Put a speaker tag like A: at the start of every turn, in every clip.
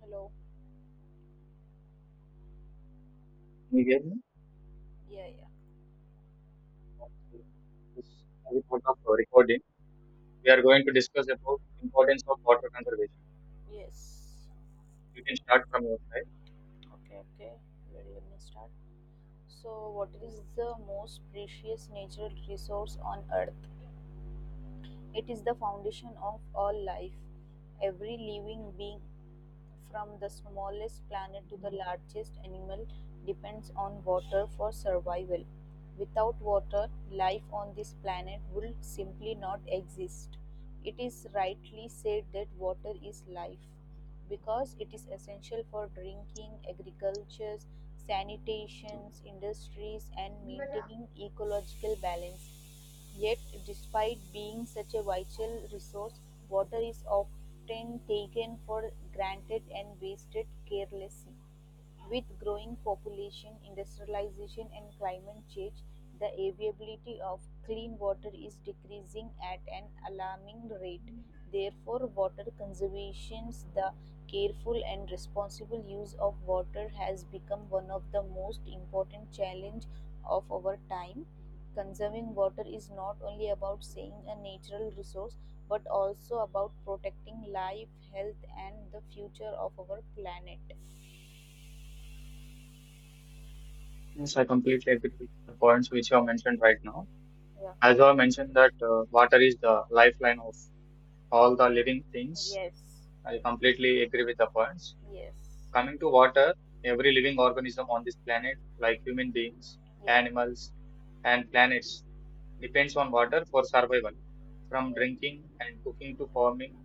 A: Hello.
B: Can you hear me?
A: Yeah, yeah.
B: Okay. This is part of our recording. We are going to discuss about importance of water conservation.
A: Yes.
B: You can start from your side.
A: Okay, okay. Where do me start? So, what is the most precious natural resource on earth? It is the foundation of all life. Every living being, from the smallest planet to the largest animal, depends on water for survival. Without water, life on this planet would simply not exist. It is rightly said that water is life because it is essential for drinking, agriculture, sanitations, industries, and maintaining ecological balance. Yet, despite being such a vital resource, water is often taken for granted and wasted carelessly. With growing population, industrialization, and climate change, the availability of clean water is decreasing at an alarming rate. Therefore, water conservation, the careful and responsible use of water, has become one of the most important challenges of our time. Conserving water is not only about saving a natural resource but also about protecting life, health, and the future of our planet.
B: Yes, I completely agree with the points which you have mentioned right now.
A: Yeah.
B: As you have mentioned that water is the lifeline of all the living things.
A: Yes.
B: I completely agree with the points.
A: Yes.
B: Coming to water, every living organism on this planet, like human beings,
A: Yes.
B: animals, and planets, depends on water for survival. From
A: Yes.
B: drinking and cooking to farming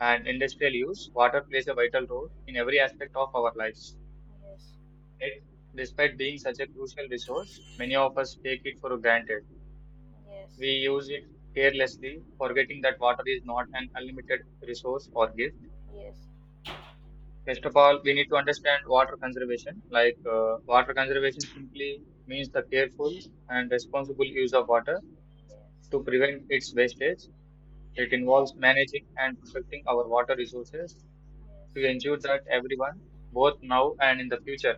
B: and industrial use, water plays a vital role in every aspect of our lives.
A: Yes.
B: Yet, despite being such a crucial resource, many of us take it for granted.
A: Yes.
B: We use it carelessly, forgetting that water is not an unlimited resource or gift.
A: Yes. Yes. Yes.
B: First of all, we need to understand water conservation. Like, water conservation simply means the careful and responsible use of water to prevent its wastage. It involves managing and protecting our water resources to ensure that everyone, both now and in the future,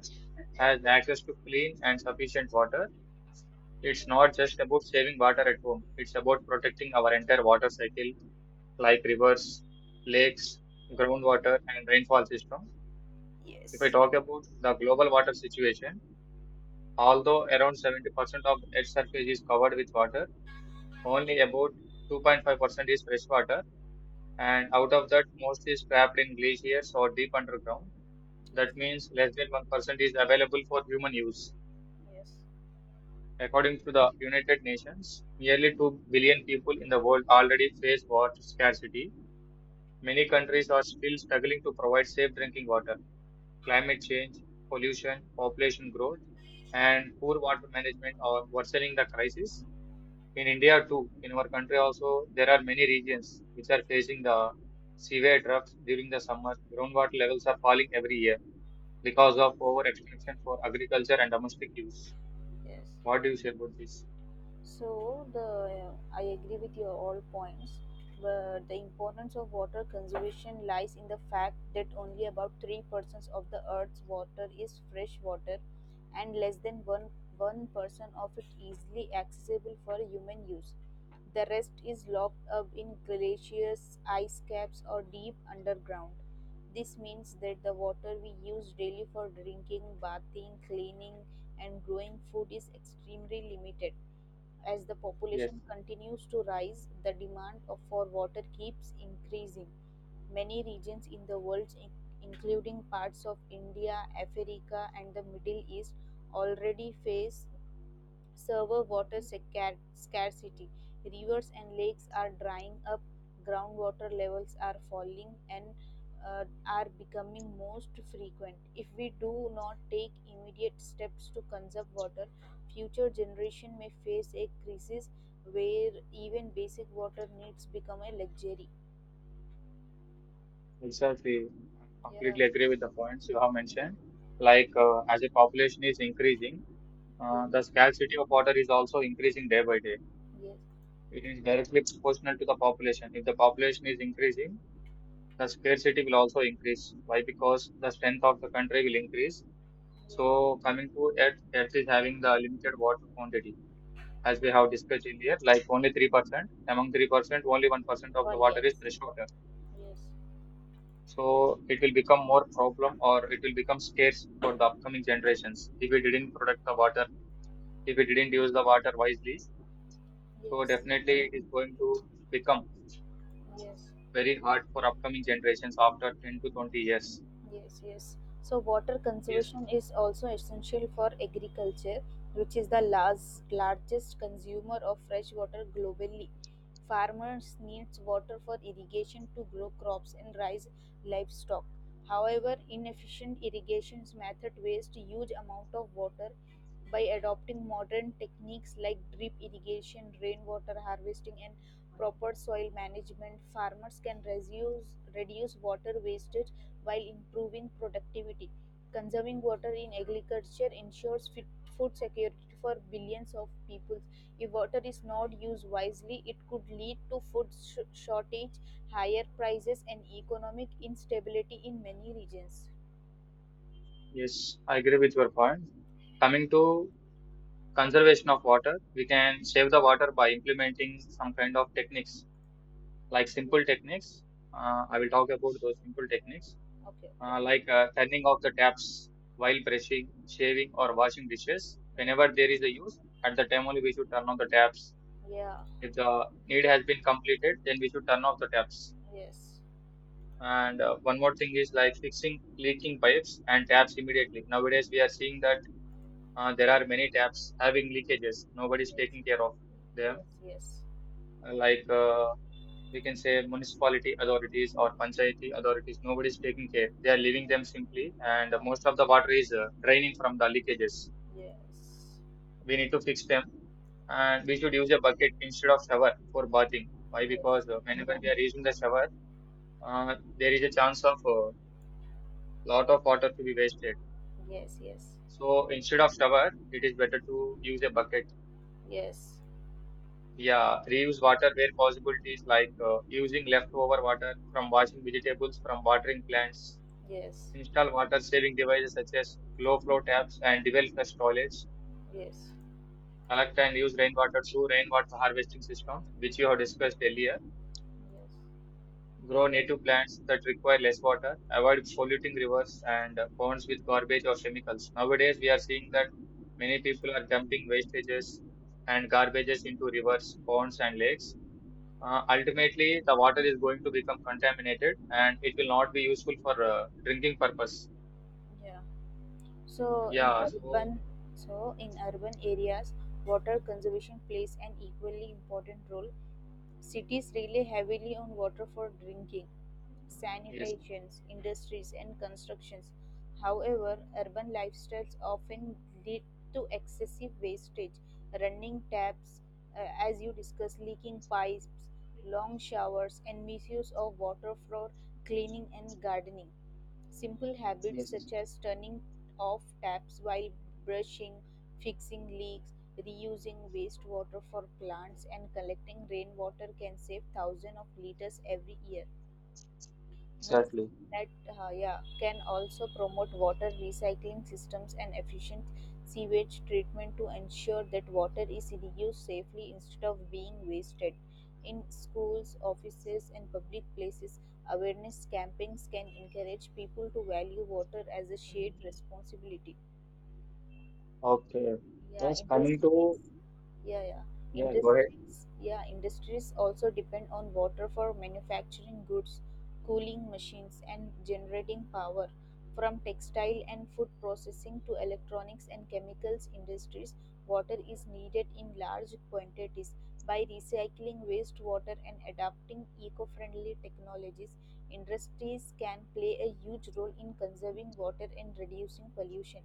B: has
A: Yes.
B: access to clean and sufficient water. It's not just about saving water at home, it's about protecting our entire water cycle, like rivers, lakes, groundwater,
A: Yes.
B: and rainfall system. If I
A: Yes.
B: talk about the global water situation, although around 70% of Earth's surface is covered with water, only about 2.5% is fresh water, and out of that, most is trapped in glaciers or deep underground.
A: Yes.
B: That means less than 1% is available for human use.
A: Yes.
B: According to the United Nations, nearly 2 billion people in the world already face water scarcity. Many countries are still struggling to provide safe drinking water. Climate change, pollution, population growth, and poor water management are worsening the crisis. In India, too, in our country also, there are many regions which are facing the severe droughts during the summer. Groundwater levels are falling every year because of overextraction for agriculture and domestic use.
A: Yes.
B: What do you say about this?
A: So the I agree with your all points, but the importance of water conservation lies in the fact that only about 3% of the Earth's water is fresh water, and less than one percent of it easily accessible for human use. The rest is locked up in glaciers, ice caps, or deep underground. This means that the water we use daily for drinking, bathing, cleaning, and growing food is extremely limited as the
B: Yes,
A: population continues to rise, the demand for water keeps increasing. Many regions in the world, including parts of India, Africa, and the Middle East, already face Server water scarcity. Rivers and lakes are drying up, groundwater levels are falling, and are becoming most frequent. If we do not take immediate steps to conserve water, future generation may face a crisis where even basic water needs become a luxury.
B: exactly. I
A: Yeah.
B: completely agree with the points you have mentioned. Like, as the population is increasing, the
A: Yes.
B: scarcity of water is also increasing day by day.
A: Yes.
B: It is directly proportional to the population. If the population is increasing, the scarcity will also increase. Why? Because the strength of the country will increase.
A: Yes.
B: So, coming to Earth, Earth is having the limited water quantity. As we have
A: Yes.
B: discussed earlier, like only 3%. Among 3%, only 1% of
A: Why
B: the water is
A: yes.
B: fresh water.
A: Yes.
B: So it will become more problem or it will become scarce for the upcoming generations if we didn't protect the water, if we didn't use the water wisely. So
A: Yes.
B: definitely it is going to become
A: Yes.
B: very hard for upcoming generations after 10 to 20 years.
A: Yes, yes. So water
B: Yes,
A: conservation is also essential for agriculture, which is the last, largest consumer of fresh water globally. Farmers need water for irrigation to grow crops and raise livestock. However, inefficient irrigation method waste huge amount of water by adopting modern techniques like drip irrigation, rainwater harvesting, and proper soil management, farmers can reduce water wastage while improving productivity. Conserving water in agriculture ensures fit, food security for billions of people. If water is not used wisely, it could lead to food shortage, higher prices, and economic instability in many regions.
B: yes, I agree with your point. Coming to conservation of water, we can save the water by implementing some kind of techniques like simple techniques. I will talk about those simple techniques,
A: Okay,
B: uh,
A: okay.
B: like uh, turning off the taps while brushing, shaving, or washing dishes.
A: Yeah,
B: Whenever there is a use, at the time only we should turn on the taps.
A: yeah.
B: If the need has been completed, then we should turn off the taps.
A: Yes.
B: And one more thing is like fixing leaking pipes and taps immediately. Nowadays, we are seeing that there are many taps having leakages. Nobody is
A: Yes,
B: taking care of them.
A: yes,
B: Like we can say municipality authorities or panchayati authorities nobody's taking care, they are leaving them simply, and most of the water is draining from the leakages.
A: yes,
B: We need to fix them, and we should use a bucket instead of shower for bathing. Why?
A: yes,
B: Because whenever we are using the shower, uh, there is a chance of a lot of water to be wasted.
A: yes, yes, yes,
B: So instead of shower, it is better to use a bucket.
A: yes,
B: Yeah, reuse water where possibilities, like using leftover water from washing vegetables, from watering plants.
A: yes,
B: Install water saving devices such as low flow taps and dual flush toilets.
A: yes,
B: Collect and use rainwater through rainwater harvesting systems, which you have discussed earlier.
A: yes.
B: Grow native plants that require less water. Avoid polluting rivers and ponds with garbage or chemicals. Nowadays, we are seeing that many people are dumping wastages and garbages into rivers, ponds, and lakes. Ultimately, the water is going to become contaminated and it will not be useful for drinking purpose.
A: Yeah. So in
B: Yeah, so
A: urban, so in urban areas, water conservation plays an equally important role. Cities rely heavily on water for drinking,
B: yes.
A: sanitations, industries, and constructions. However, urban lifestyles often lead to excessive wastage, running taps, as you discussed, leaking pipes, long showers, and misuse of water for cleaning and gardening. Simple habits
B: Yes.
A: such as turning off taps while brushing, fixing leaks, reusing wastewater for plants and collecting rainwater can save thousands of liters every year.
B: Exactly.
A: Municipalities that yeah, can also promote water recycling systems and efficient sewage treatment to ensure that water is reused safely instead of being wasted. In schools, offices, and public places, awareness campaigns can encourage people to value water as a shared responsibility.
B: Okay.
A: yeah
B: Yes, coming to,
A: industries yeah yeah
B: yeah, go ahead.
A: yeah industries also depend on water for manufacturing goods, cooling machines, and generating power. From textile and food processing to electronics and chemicals industries, water is needed in large quantities. By recycling wastewater and adopting eco-friendly technologies, industries can play a huge role in conserving water and reducing pollution.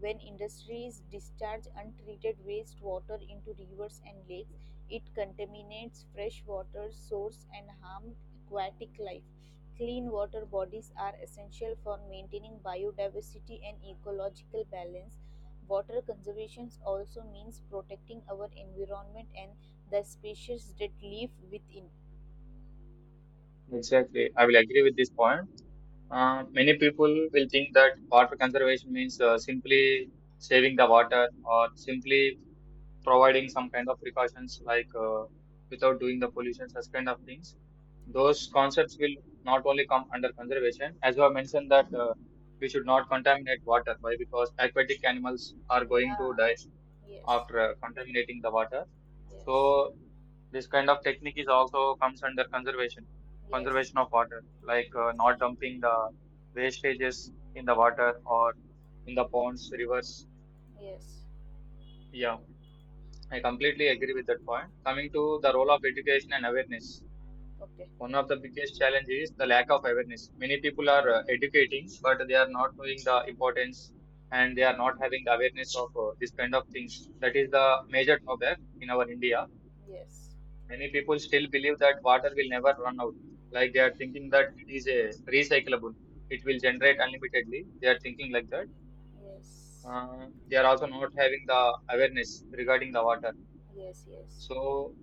A: When industries discharge untreated wastewater into rivers and lakes, it contaminates fresh water sources and harms aquatic life. Clean water bodies are essential for maintaining biodiversity and ecological balance. Water conservation also means protecting our environment and the species that live within.
B: Exactly. I will agree with this point. Many people will think that water conservation means simply saving the water or simply providing some kind of precautions like without doing the pollution, such kind of things. Those concepts will not only come under conservation, as you have mentioned that we should not contaminate water. Why? Because aquatic animals are going to
A: Yeah,
B: die
A: yes,
B: after contaminating the water. So
A: yes,
B: this kind of technique is also comes under conservation,
A: yes,
B: conservation of water, like not dumping the wastages in the water or in the ponds, rivers.
A: yes.
B: Yeah, I completely agree with that point. Coming to the role of education and awareness,
A: Okay.
B: one of the biggest challenges is the lack of awareness. Many people are educating, but they are not knowing the importance and they are not having the awareness of this kind of things. That
A: Ye-
B: is the major drawback in our India.
A: yes,
B: Many people still believe that water will never run out. Like, they are thinking that it is a recyclable. It will generate unlimitedly. They are thinking like that.
A: yes.
B: They are also not having the awareness regarding the water.
A: Yes, yes,
B: So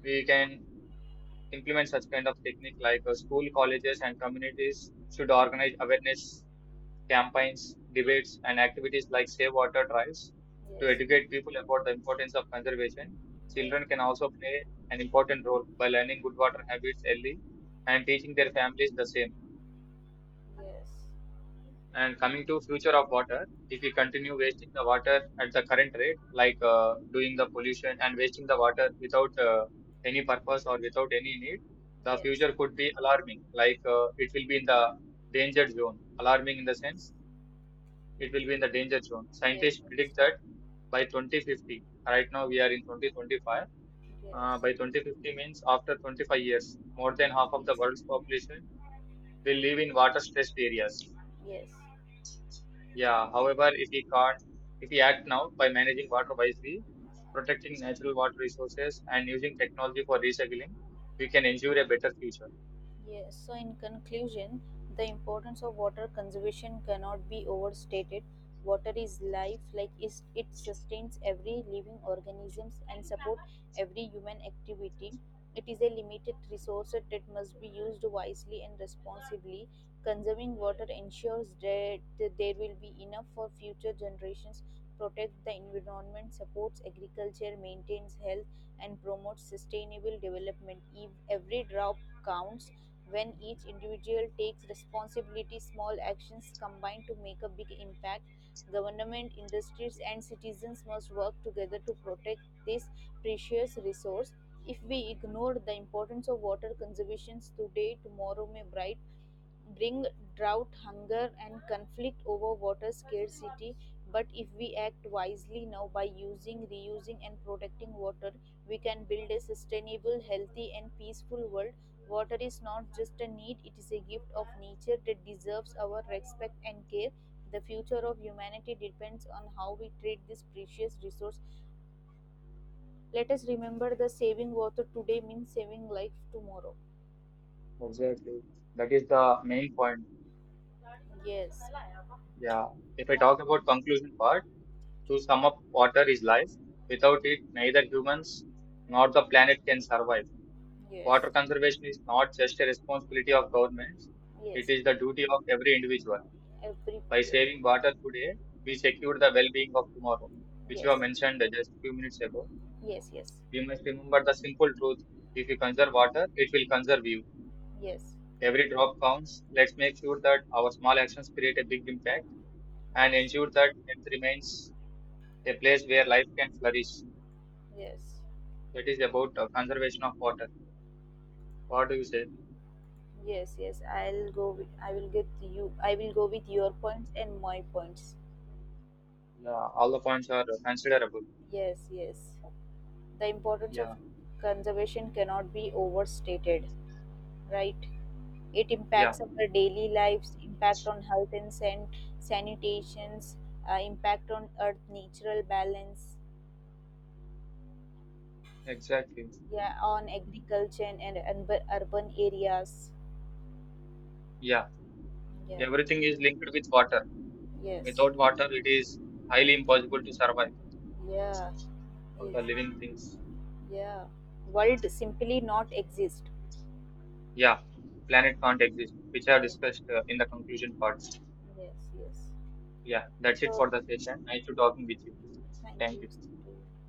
B: we can implement such kind of technique like school, colleges, and communities should organize awareness campaigns, debates, and activities like Save Water Drives to
A: yes,
B: educate people about the importance of conservation.
A: yeah,
B: Children can also play an important role by learning good water habits early and teaching their families the same.
A: yes,
B: And coming to future of water, if we continue wasting the water at the current rate, like doing the pollution and wasting the water without any purpose or without any need, the
A: yes,
B: future could be alarming. Like it will be in the danger zone, alarming in the
A: yes,
B: sense it will be in the danger zone.
A: yes,
B: Scientists predict that by 2050, right now we are in 2025,
A: yes,
B: by 2050 means after 25 years, more than
A: yes,
B: half of the
A: yes,
B: world's population will live in water stressed areas.
A: yes.
B: Yeah, however, if we act now by managing water wisely, protecting natural water resources, and using technology for recycling, we can ensure a better future.
A: Yes, so in conclusion, the importance of water conservation cannot be overstated. Water is life, like it sustains every living organisms and support every human activity. It is a limited resource that must be used wisely and responsibly. Conserving water ensures that there will be enough for future generations, protects the environment, supports agriculture, maintains health, and promotes sustainable development. If every drop counts, when each individual takes responsibility, small actions combine to make a big impact. Government, industries, and citizens must work together to protect this precious resource. If we ignore the importance of water conservation today, tomorrow may bright bring drought, hunger, and conflict over water scarcity. But if we act wisely now by using, reusing, and protecting water, we can build a sustainable, healthy, and peaceful world. Water is not just a need, it is a gift of nature that deserves our respect and care. The future of humanity depends on how we treat this precious resource. Let us remember that saving water today means saving life tomorrow.
B: Exactly. That is the main point.
A: Yes.
B: Yeah. If I talk about conclusion part, to sum up, water is life. Without it, neither humans nor the planet can survive.
A: Yes.
B: Water conservation is not just a responsibility of governments, it
A: Yes,
B: is the duty of every individual.
A: every
B: By
A: yes,
B: saving water today, we secure the well being of tomorrow, which you have
A: yes,
B: mentioned just a few minutes ago.
A: yes, yes,
B: We must remember the simple truth: if you conserve water, it will conserve you.
A: yes,
B: Every drop counts. Let's make sure that our small actions create a big impact and ensure that it remains a place where life can flourish.
A: yes,
B: That is about conservation of water. What do you say?
A: yes, yes, yes. I'll go with. I will get you. I will go with your points and my points.
B: Yeah, all the points are considerable.
A: Yes, yes. The importance of
B: Yeah,
A: conservation cannot be overstated, right? It
B: yeah,
A: impacts our daily lives, impact on health and sanitations, impact on earth natural balance,
B: exactly.
A: yeah, on agriculture and, urban areas.
B: Yeah,
A: Yeah.
B: everything is linked with water.
A: Yes.
B: Without water, it is highly impossible to survive
A: Yeah.
B: for
A: Yes.
B: the living things.
A: Yeah. World simply
B: Yeah,
A: not exist.
B: yeah, planet can't exist, which are
A: Yes.
B: discussed in the conclusion parts.
A: Yes. Yes.
B: Yeah, that's it for
A: So
B: the session. Nice to talking with you.
A: thank
B: Thank you.
A: you.